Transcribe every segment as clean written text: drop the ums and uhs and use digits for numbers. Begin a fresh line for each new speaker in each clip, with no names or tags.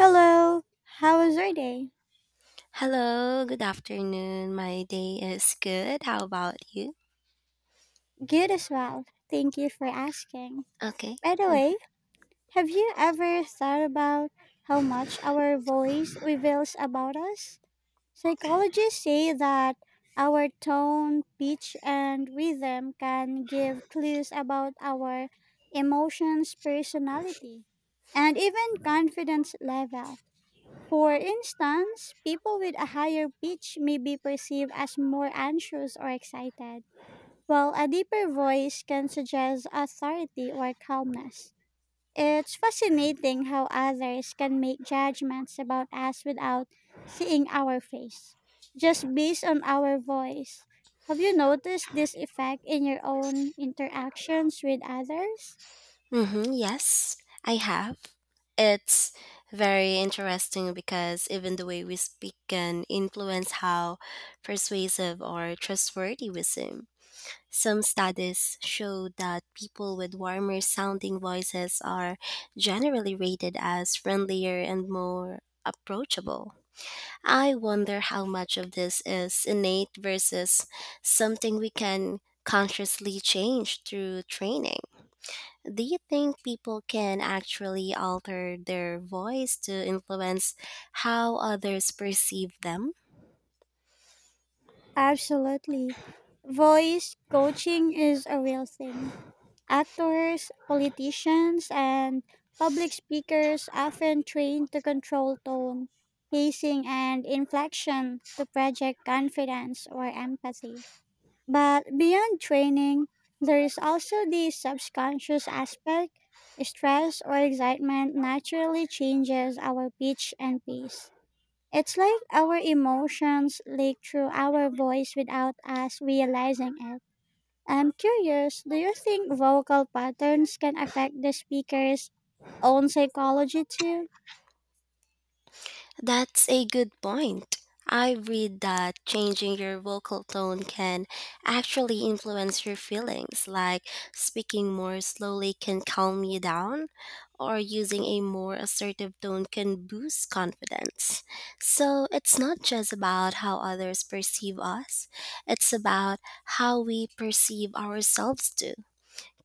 Hello. How was your day?
Hello, good afternoon. My day is good. How about you?
Good as well. Thank you for asking.
Okay.
By the way, have you ever thought about how much our voice reveals about us? Psychologists say that our tone, pitch, and rhythm can give clues about our emotions, personality, and even confidence level. For instance, people with a higher pitch may be perceived as more anxious or excited while a deeper voice can suggest authority or calmness. It's fascinating how others can make judgments about us without seeing our face, just based on our voice. Have you noticed this effect in your own interactions with others?
Mm-hmm. Yes, I have. It's very interesting because even the way we speak can influence how persuasive or trustworthy we seem. Some studies show that people with warmer sounding voices are generally rated as friendlier and more approachable. I wonder how much of this is innate versus something we can consciously change through training. Do you think people can actually alter their voice to influence how others perceive them?
Absolutely. Voice coaching is a real thing. Actors, politicians, and public speakers often train to control tone, pacing, and inflection to project confidence or empathy. But beyond training, there is also the subconscious aspect. Stress or excitement naturally changes our pitch and pace. It's like our emotions leak through our voice without us realizing it. I'm curious, do you think vocal patterns can affect the speaker's own psychology too?
That's a good point. I read that changing your vocal tone can actually influence your feelings, like speaking more slowly can calm you down, or using a more assertive tone can boost confidence. So it's not just about how others perceive us, it's about how we perceive ourselves too.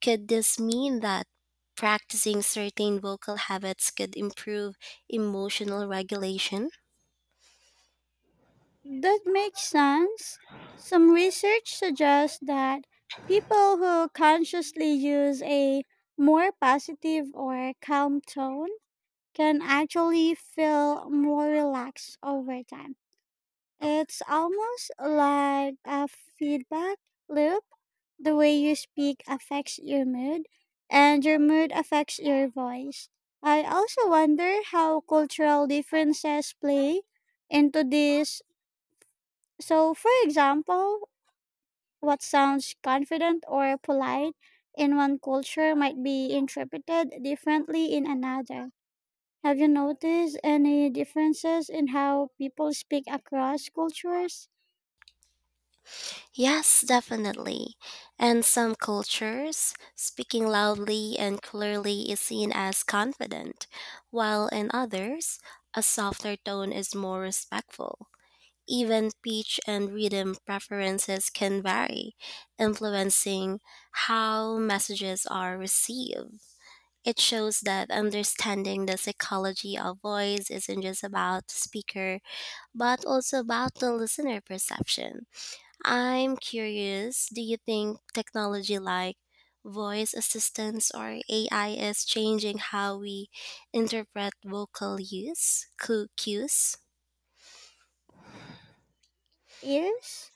Could this mean that practicing certain vocal habits could improve emotional regulation?
That makes sense. Some research suggests that people who consciously use a more positive or calm tone can actually feel more relaxed over time. It's almost like a feedback loop. The way you speak affects your mood, and your mood affects your voice. I also wonder how cultural differences play into this. So, for example, what sounds confident or polite in one culture might be interpreted differently in another. Have you noticed any differences in how people speak across cultures?
Yes, definitely. And some cultures, speaking loudly and clearly is seen as confident, while in others, a softer tone is more respectful. Even pitch and rhythm preferences can vary, influencing how messages are received. It shows that understanding the psychology of voice isn't just about the speaker, but also about the listener perception. I'm curious, do you think technology like voice assistants or AI is changing how we interpret vocal cues?
Yes.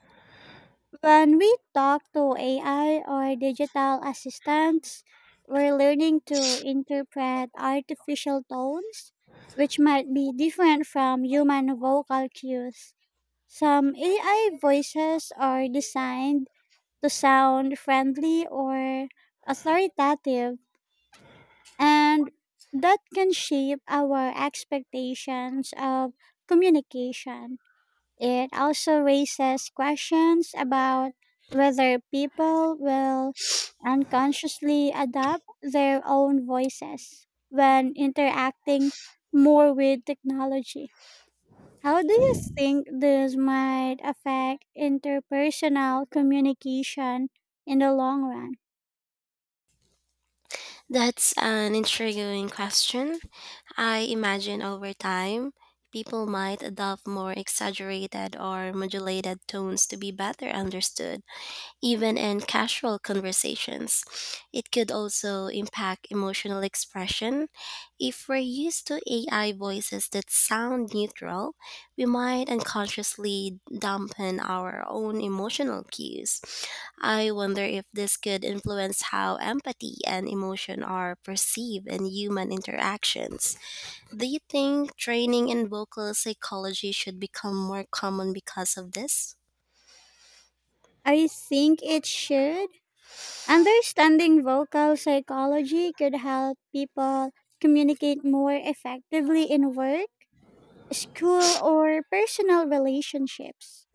When we talk to AI or digital assistants, we're learning to interpret artificial tones, which might be different from human vocal cues. Some AI voices are designed to sound friendly or authoritative, and that can shape our expectations of communication. It also raises questions about whether people will unconsciously adapt their own voices when interacting more with technology. How do you think this might affect interpersonal communication in the long run?
That's an intriguing question. I imagine over time, people might adopt more exaggerated or modulated tones to be better understood, even in casual conversations. It could also impact emotional expression. If we're used to AI voices that sound neutral, we might unconsciously dampen our own emotional cues. I wonder if this could influence how empathy and emotion are perceived in human interactions. Do you think training in vocal psychology should become more common because of this?
I think it should. Understanding vocal psychology could help people communicate more effectively in work, school, or personal relationships.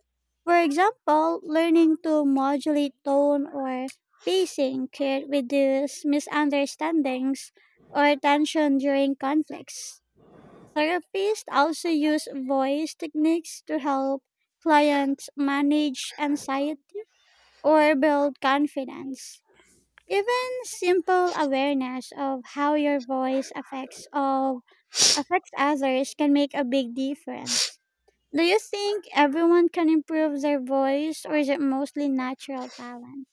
For example, learning to modulate tone or pacing can reduce misunderstandings or tension during conflicts. Therapists also use voice techniques to help clients manage anxiety or build confidence. Even simple awareness of how your voice affects others can make a big difference. Do you think everyone can improve their voice or is it mostly natural talent?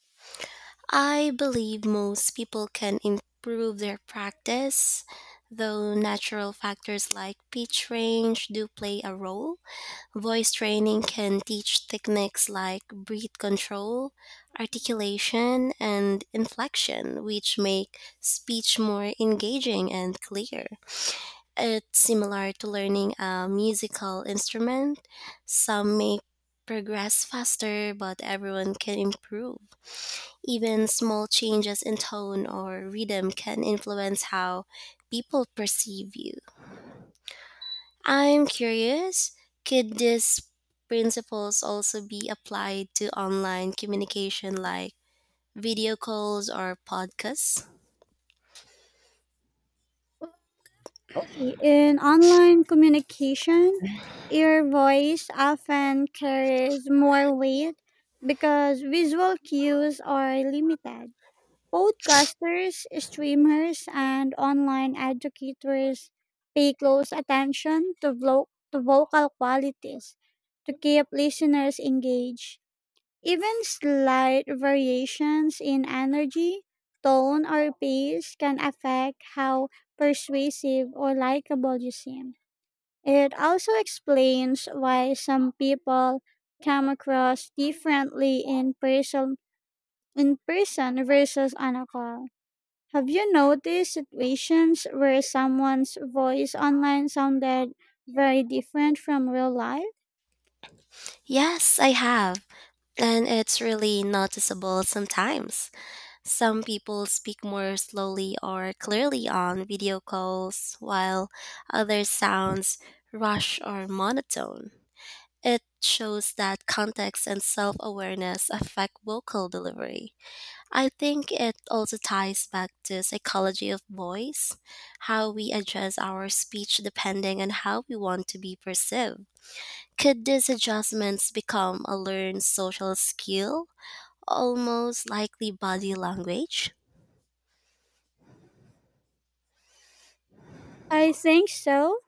I believe most people can improve their practice, though natural factors like pitch range do play a role. Voice training can teach techniques like breath control, articulation, and inflection, which make speech more engaging and clear. It's similar to learning a musical instrument. Some may progress faster, but everyone can improve. Even small changes in tone or rhythm can influence how people perceive you. I'm curious, could these principles also be applied to online communication like video calls or podcasts?
Lee, in online communication, your voice often carries more weight because visual cues are limited. Podcasters, streamers, and online educators pay close attention to vocal qualities to keep listeners engaged. Even slight variations in energy, tone, or pace can affect how persuasive or likable you seem. It also explains why some people come across differently in person versus on a call. Have you noticed situations where someone's voice online sounded very different from real life?
Yes, I have, and it's really noticeable sometimes. Some people speak more slowly or clearly on video calls, while others sounds rush or monotone. It shows that context and self awareness affect vocal delivery. I think it also ties back to psychology of voice, how we adjust our speech depending on how we want to be perceived. Could these adjustments become a learned social skill, almost likely body language?
I think so.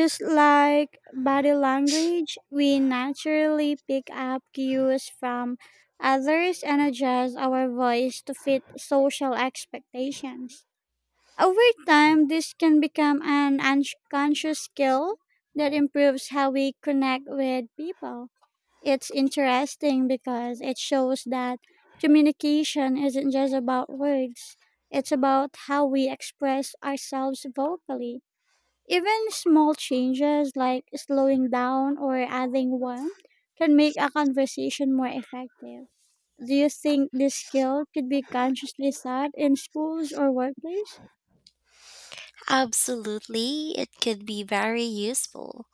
Just like body language, we naturally pick up cues from others and adjust our voice to fit social expectations. Over time, this can become an unconscious skill that improves how we connect with people. It's interesting because it shows that communication isn't just about words, it's about how we express ourselves vocally. Even small changes like slowing down or adding warmth can make a conversation more effective. Do you think this skill could be consciously taught in schools or workplace?
Absolutely, it could be very useful.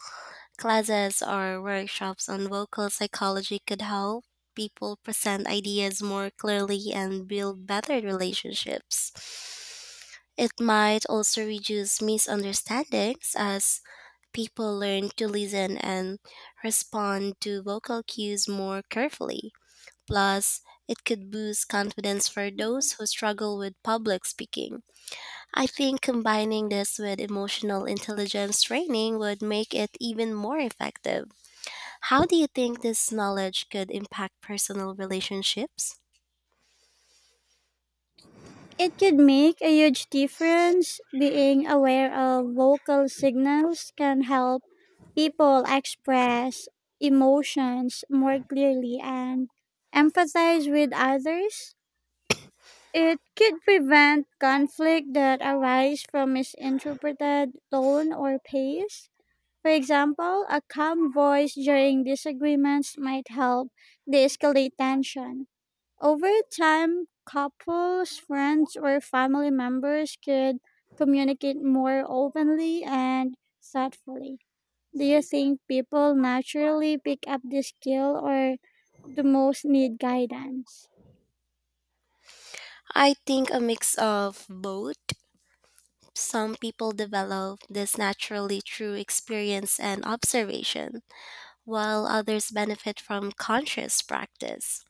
Classes or workshops on vocal psychology could help people present ideas more clearly and build better relationships. It might also reduce misunderstandings as people learn to listen and respond to vocal cues more carefully. Plus, it could boost confidence for those who struggle with public speaking. I think combining this with emotional intelligence training would make it even more effective. How do you think this knowledge could impact personal relationships?
It could make a huge difference. Being aware of vocal signals can help people express emotions more clearly and empathize with others. It could prevent conflict that arise from misinterpreted tone or pace. For example, a calm voice during disagreements might help de-escalate tension. Over time, couples, friends, or family members could communicate more openly and thoughtfully. Do you think people naturally pick up this skill or do most need guidance?
I think a mix of both. Some people develop this naturally through experience and observation, while others benefit from conscious practice.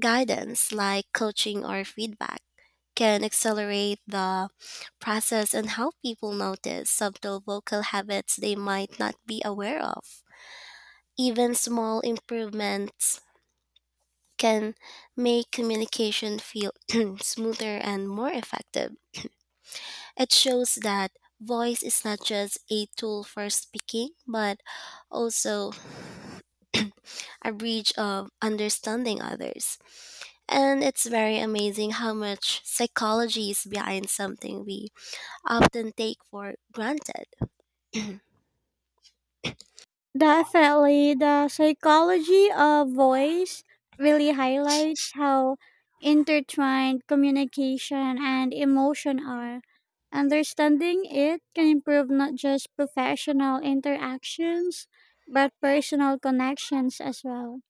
Guidance, like coaching or feedback, can accelerate the process and how people notice subtle vocal habits they might not be aware of. Even small improvements can make communication feel smoother and more effective. It shows that voice is not just a tool for speaking, but also a bridge of understanding others. And it's very amazing how much psychology is behind something we often take for granted.
Definitely, the psychology of voice really highlights how intertwined communication and emotion are. Understanding it can improve not just professional interactions, but personal connections as well.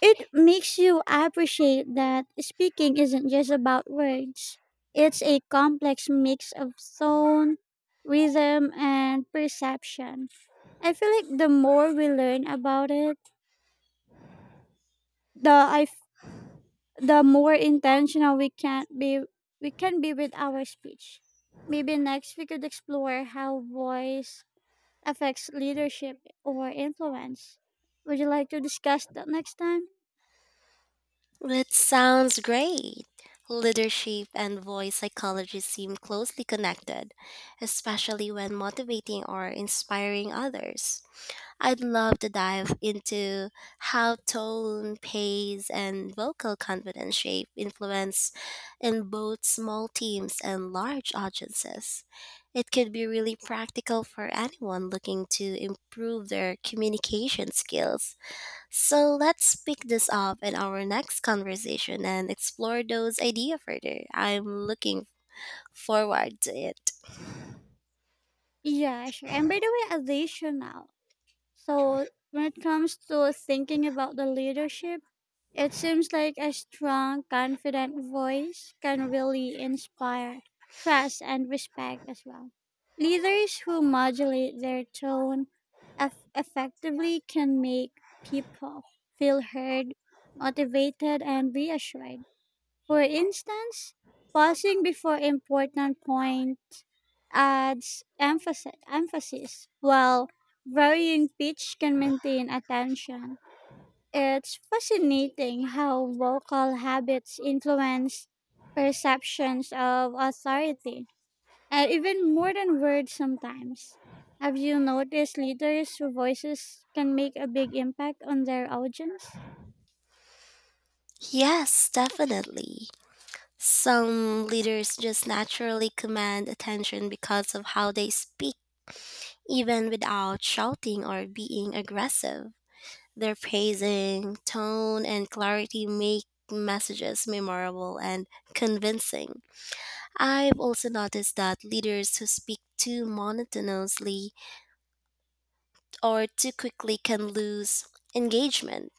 It makes you appreciate that speaking isn't just about words, it's a complex mix of tone, rhythm, and perception. I feel like the more we learn about it, the I f- the more intentional we can be with our speech. Maybe next we could explore how voice affects leadership or influence. Would you like to discuss that next time?
That sounds great. Leadership and voice psychology seem closely connected, especially when motivating or inspiring others. I'd love to dive into how tone, pace, and vocal confidence shape influence in both small teams and large audiences. It could be really practical for anyone looking to improve their communication skills. So let's pick this up in our next conversation and explore those ideas further. I'm looking forward to it.
Yeah, sure. And by the way, additional. So when it comes to thinking about the leadership, it seems like a strong, confident voice can really inspire trust and respect as well. Leaders who modulate their tone effectively can make people feel heard, motivated, and reassured. For instance, pausing before important point adds emphasis while varying pitch can maintain attention. It's fascinating how vocal habits influence perceptions of authority, and even more than words sometimes. Have you noticed leaders' voices can make a big impact on their audience?
Yes, definitely. Some leaders just naturally command attention because of how they speak, even without shouting or being aggressive. Their praising, tone, and clarity make messages memorable and convincing. I've also noticed that leaders who speak too monotonously or too quickly can lose engagement,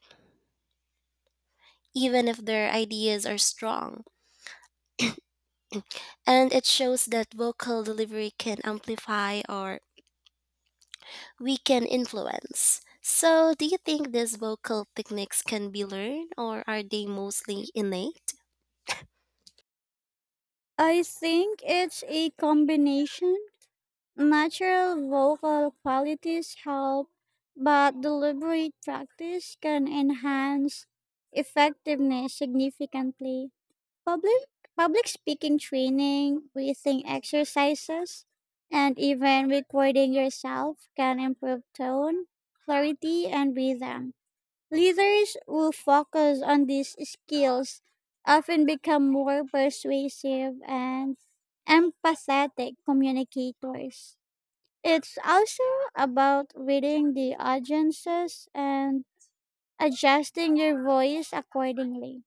even if their ideas are strong. And it shows that vocal delivery can amplify or weaken influence. So, do you think these vocal techniques can be learned or are they mostly innate?
I think it's a combination. Natural vocal qualities help, but deliberate practice can enhance effectiveness significantly. Public Public speaking training, breathing exercises, and even recording yourself can improve tone, clarity, and rhythm. Leaders who focus on these skills often become more persuasive and empathetic communicators. It's also about reading the audiences and adjusting your voice accordingly.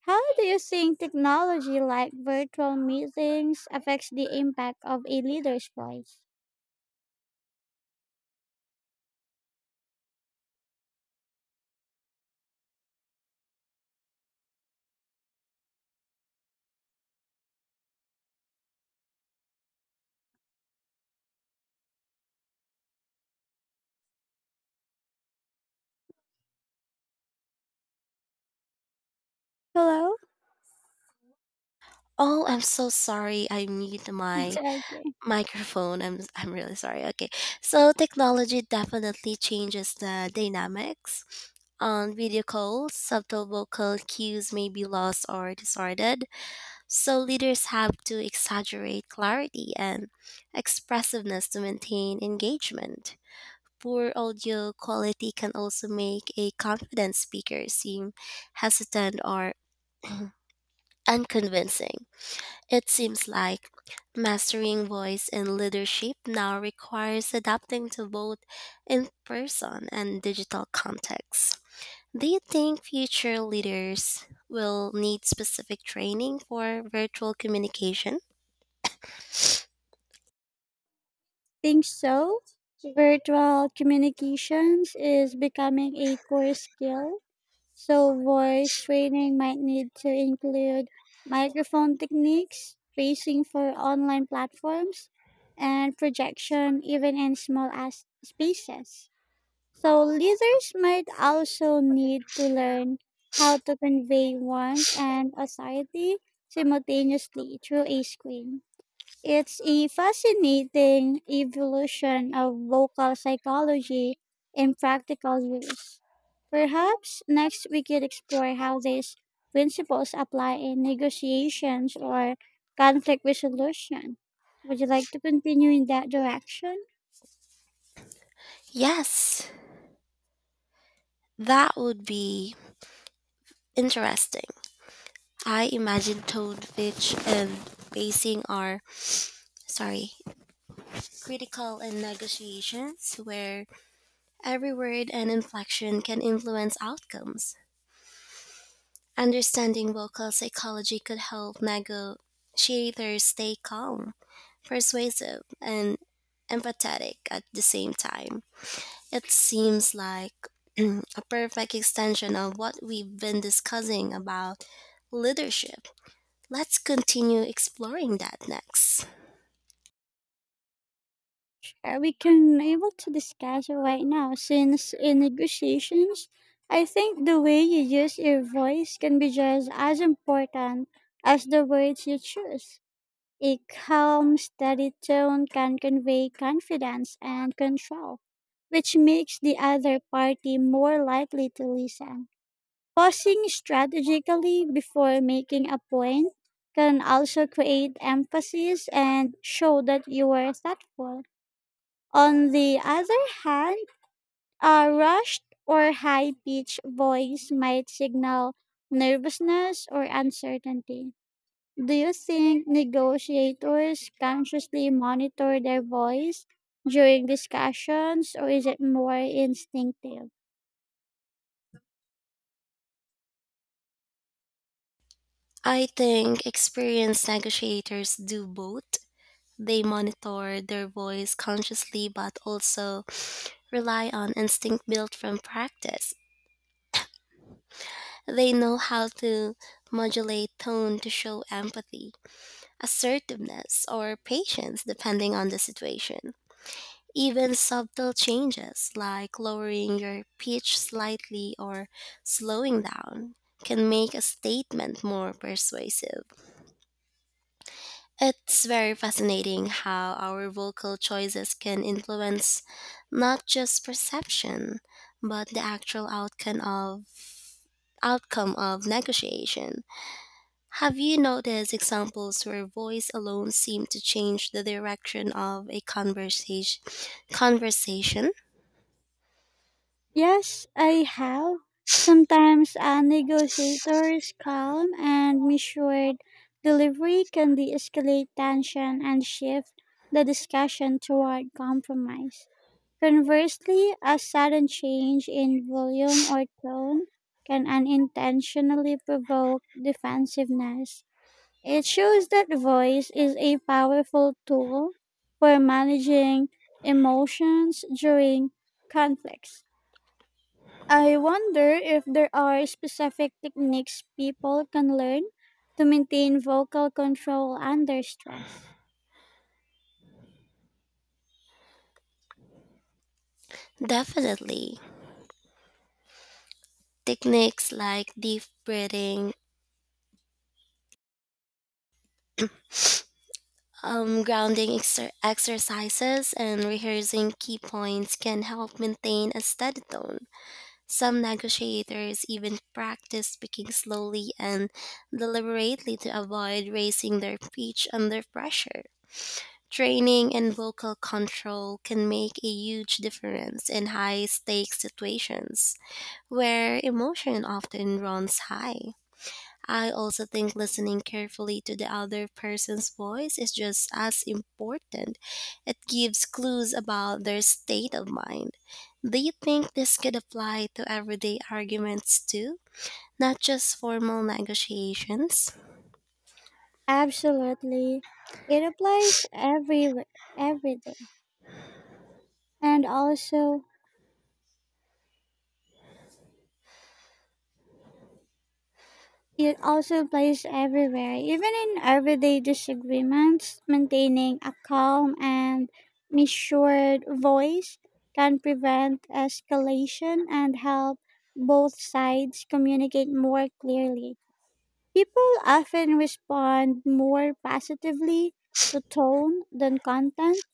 How do you think technology like virtual meetings affects the impact of a leader's voice? Hello?
Oh, I'm so sorry I mute
It's
my
okay.
microphone. I'm really sorry. Okay. So technology definitely changes the dynamics. On video calls, subtle vocal cues may be lost or distorted, so leaders have to exaggerate clarity and expressiveness to maintain engagement. Poor audio quality can also make a confident speaker seem hesitant or unconvincing. It seems like mastering voice and leadership now requires adapting to both in person and digital contexts. Do you think future leaders will need specific training for virtual communication?
think so. Virtual communications is becoming a core skill, so voice training might need to include microphone techniques, spacing for online platforms, and projection even in small spaces. So leaders might also need to learn how to convey warmth and authority simultaneously through a screen. It's a fascinating evolution of vocal psychology in practical use. Perhaps next we could explore how these principles apply in negotiations or conflict resolution. Would you like to continue in that direction?
Yes, that would be interesting. I imagine tone, pitch, and pacing are, sorry, critical in negotiations where every word and inflection can influence outcomes. Understanding vocal psychology could help Mago she stay calm, persuasive, and empathetic at the same time. It seems like a perfect extension of what we've been discussing about leadership. Let's continue exploring that next.
We can able to discuss it right now since in negotiations, I think the way you use your voice can be just as important as the words you choose. A calm, steady tone can convey confidence and control, which makes the other party more likely to listen. Pausing strategically before making a point can also create emphasis and show that you were thoughtful. On the other hand, a rushed or high pitched voice might signal nervousness or uncertainty. Do you think negotiators consciously monitor their voice during discussions, or is it more instinctive?
I think experienced negotiators do both. They monitor their voice consciously but also rely on instinct built from practice. They know how to modulate tone to show empathy, assertiveness, or patience depending on the situation. Even subtle changes like lowering your pitch slightly or slowing down can make a statement more persuasive. It's very fascinating how our vocal choices can influence not just perception, but the actual outcome of negotiation. Have you noticed examples where voice alone seemed to change the direction of a conversation?
Yes, I have. Sometimes a negotiator's calm and measured delivery can de escalate tension and shift the discussion toward compromise. Conversely, a sudden change in volume or tone can unintentionally provoke defensiveness. It shows that voice is a powerful tool for managing emotions during conflicts. I wonder if there are specific techniques people can learn to maintain vocal control under stress.
Definitely. Techniques like deep breathing, grounding exercises, and rehearsing key points can help maintain a steady tone. Some negotiators even practice speaking slowly and deliberately to avoid raising their pitch under pressure. Training and vocal control can make a huge difference in high stakes situations where emotion often runs high. I also think listening carefully to the other person's voice is just as important. It gives clues about their state of mind. Do you think this could apply to everyday arguments too? Not just formal negotiations?
Absolutely. It applies every day. And also It also plays everywhere, even in everyday disagreements. Maintaining a calm and measured voice can prevent escalation and help both sides communicate more clearly. People often respond more positively to tone than content,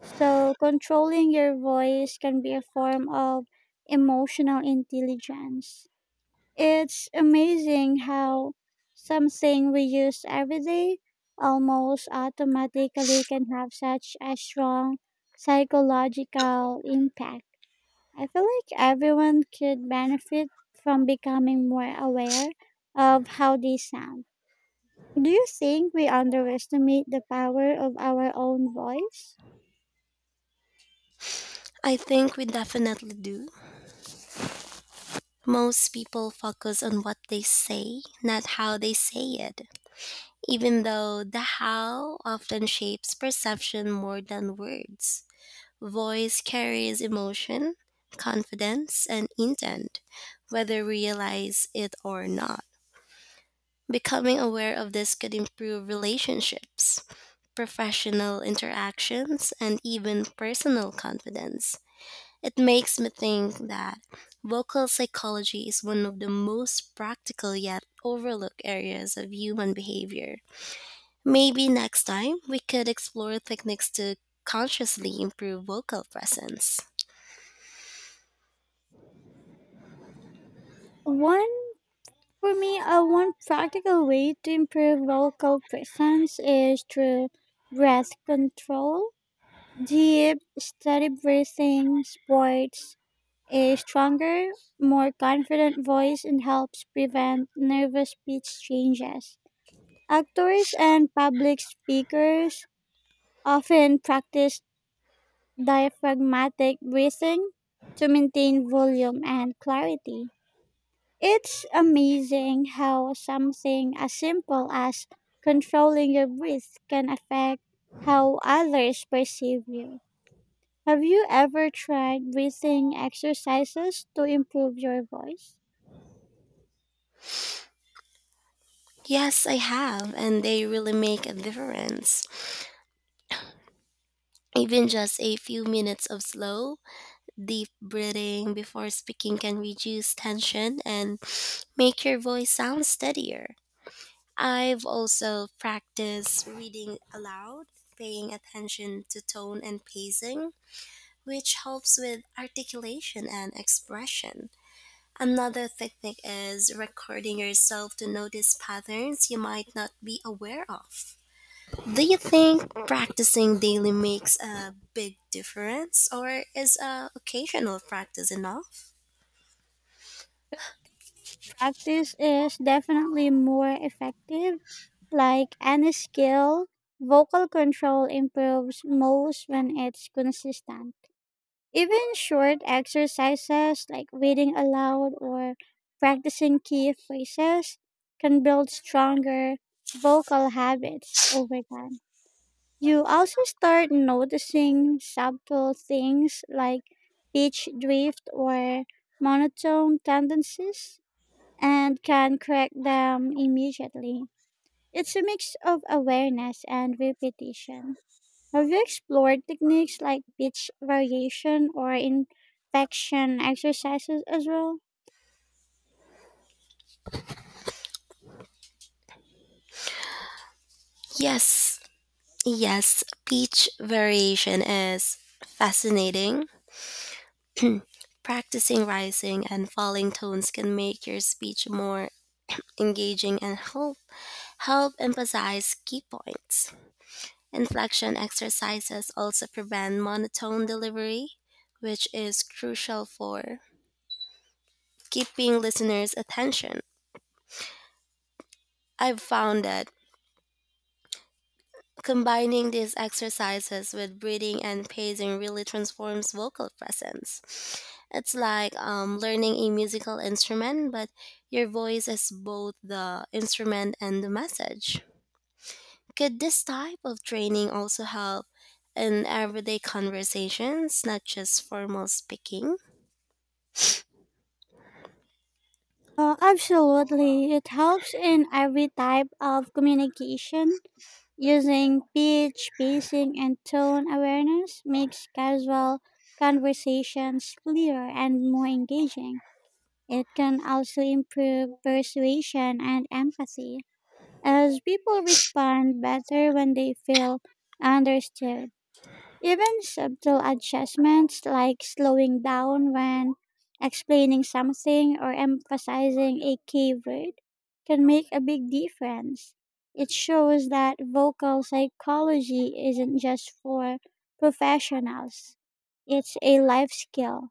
so controlling your voice can be a form of emotional intelligence. It's amazing how something we use every day almost automatically can have such a strong psychological impact. I feel like everyone could benefit from becoming more aware of how they sound. Do you think we underestimate the power of our own voice?
I think we definitely do. Most people focus on what they say, not how they say it, even though the how often shapes perception more than words. Voice carries emotion, confidence, and intent, whether we realize it or not. Becoming aware of this could improve relationships, professional interactions, and even personal confidence. It makes me think that vocal psychology is one of the most practical yet overlooked areas of human behavior. Maybe next time we could explore techniques to consciously improve vocal presence.
One one practical way to improve vocal presence is through breath control. Deep, steady breathing supports a stronger, more confident voice and helps prevent nervous speech changes. Actors and public speakers often practice diaphragmatic breathing to maintain volume and clarity. It's amazing how something as simple as controlling your breath can affect how others perceive you. Have you ever tried breathing exercises to improve your voice?
Yes, I have, and they really make a difference. Even just a few minutes of slow, deep breathing before speaking can reduce tension and make your voice sound steadier. I've also practiced reading aloud, paying attention to tone and pacing, which helps with articulation and expression. Another technique is recording yourself to notice patterns you might not be aware of. Do you think practicing daily makes a big difference, or is occasional practice enough?
Practice is definitely more effective. Like any skill, vocal control improves most when it's consistent. Even short exercises like reading aloud or practicing key phrases can build stronger vocal habits over time. You also start noticing subtle things like pitch drift or monotone tendencies and can correct them immediately. It's a mix of awareness and repetition. Have you explored techniques like pitch variation or inflection exercises as well?
Yes, yes, pitch variation is fascinating. Practicing rising and falling tones can make your speech more engaging and help emphasize key points. Inflection exercises also prevent monotone delivery, which is crucial for keeping listeners' attention. I've found that combining these exercises with breathing and pacing really transforms vocal presence. It's like learning a musical instrument, but your voice is both the instrument and the message. Could this type of training also help in everyday conversations, not just formal speaking?
Absolutely. It helps in every type of communication. Using pitch, pacing, and tone awareness makes casual conversations clearer and more engaging. It can also improve persuasion and empathy, as people respond better when they feel understood. Even subtle adjustments like slowing down when explaining something or emphasizing a key word can make a big difference. It shows that vocal psychology isn't just for professionals, it's a life skill.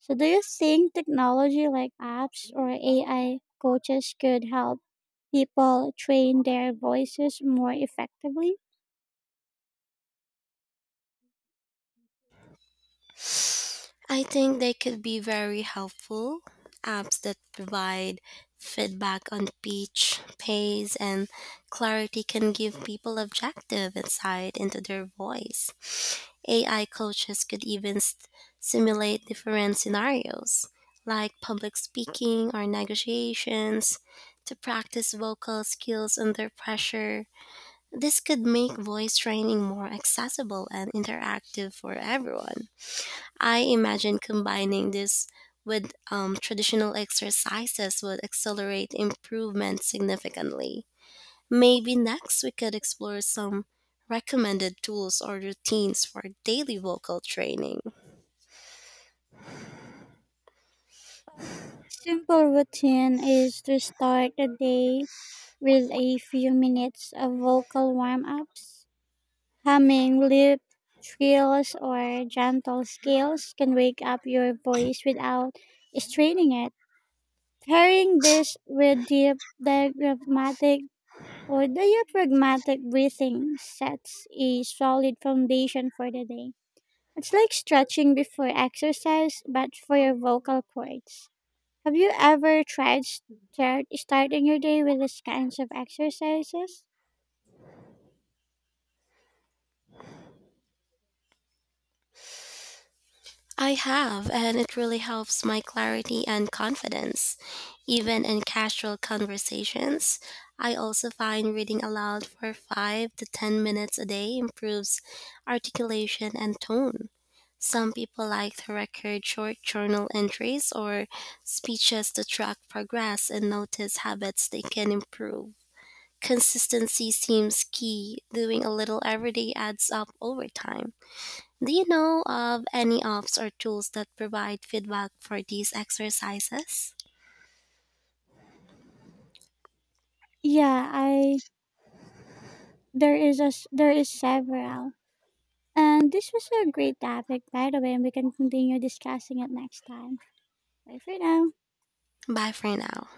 So, do you think technology like apps or AI coaches could help people train their voices more effectively?
I think they could be very helpful. Apps that provide feedback on pitch, pace, and clarity can give people objective insight into their voice. AI coaches could even s simulate different scenarios, like public speaking or negotiations, to practice vocal skills under pressure. This could make voice training more accessible and interactive for everyone. I imagine combining this with traditional exercises would accelerate improvement significantly. Maybe next we could explore some recommended tools or routines for daily vocal training.
Simple routine is to start the day with a few minutes of vocal warm-ups. Humming lip trills or gentle scales can wake up your voice without straining it. Pairing this with deep diaphragmatic or diaphragmatic breathing sets a solid foundation for the day. It's like stretching before exercise, but for your vocal cords. Have you ever tried starting your day with these kinds of exercises?
I have, and it really helps my clarity and confidence. Even in casual conversations, I also find reading aloud for 5 to 10 minutes a day improves articulation and tone. Some people like to record short journal entries or speeches to track progress and notice habits they can improve. Consistency seems key. Doing a little every day adds up over time. Do you know of any apps or tools that provide feedback for these exercises?
Yeah, I there is a s- there is several. And this was a great topic, by the way, and we can continue discussing it next time. Bye for now.
Bye for now.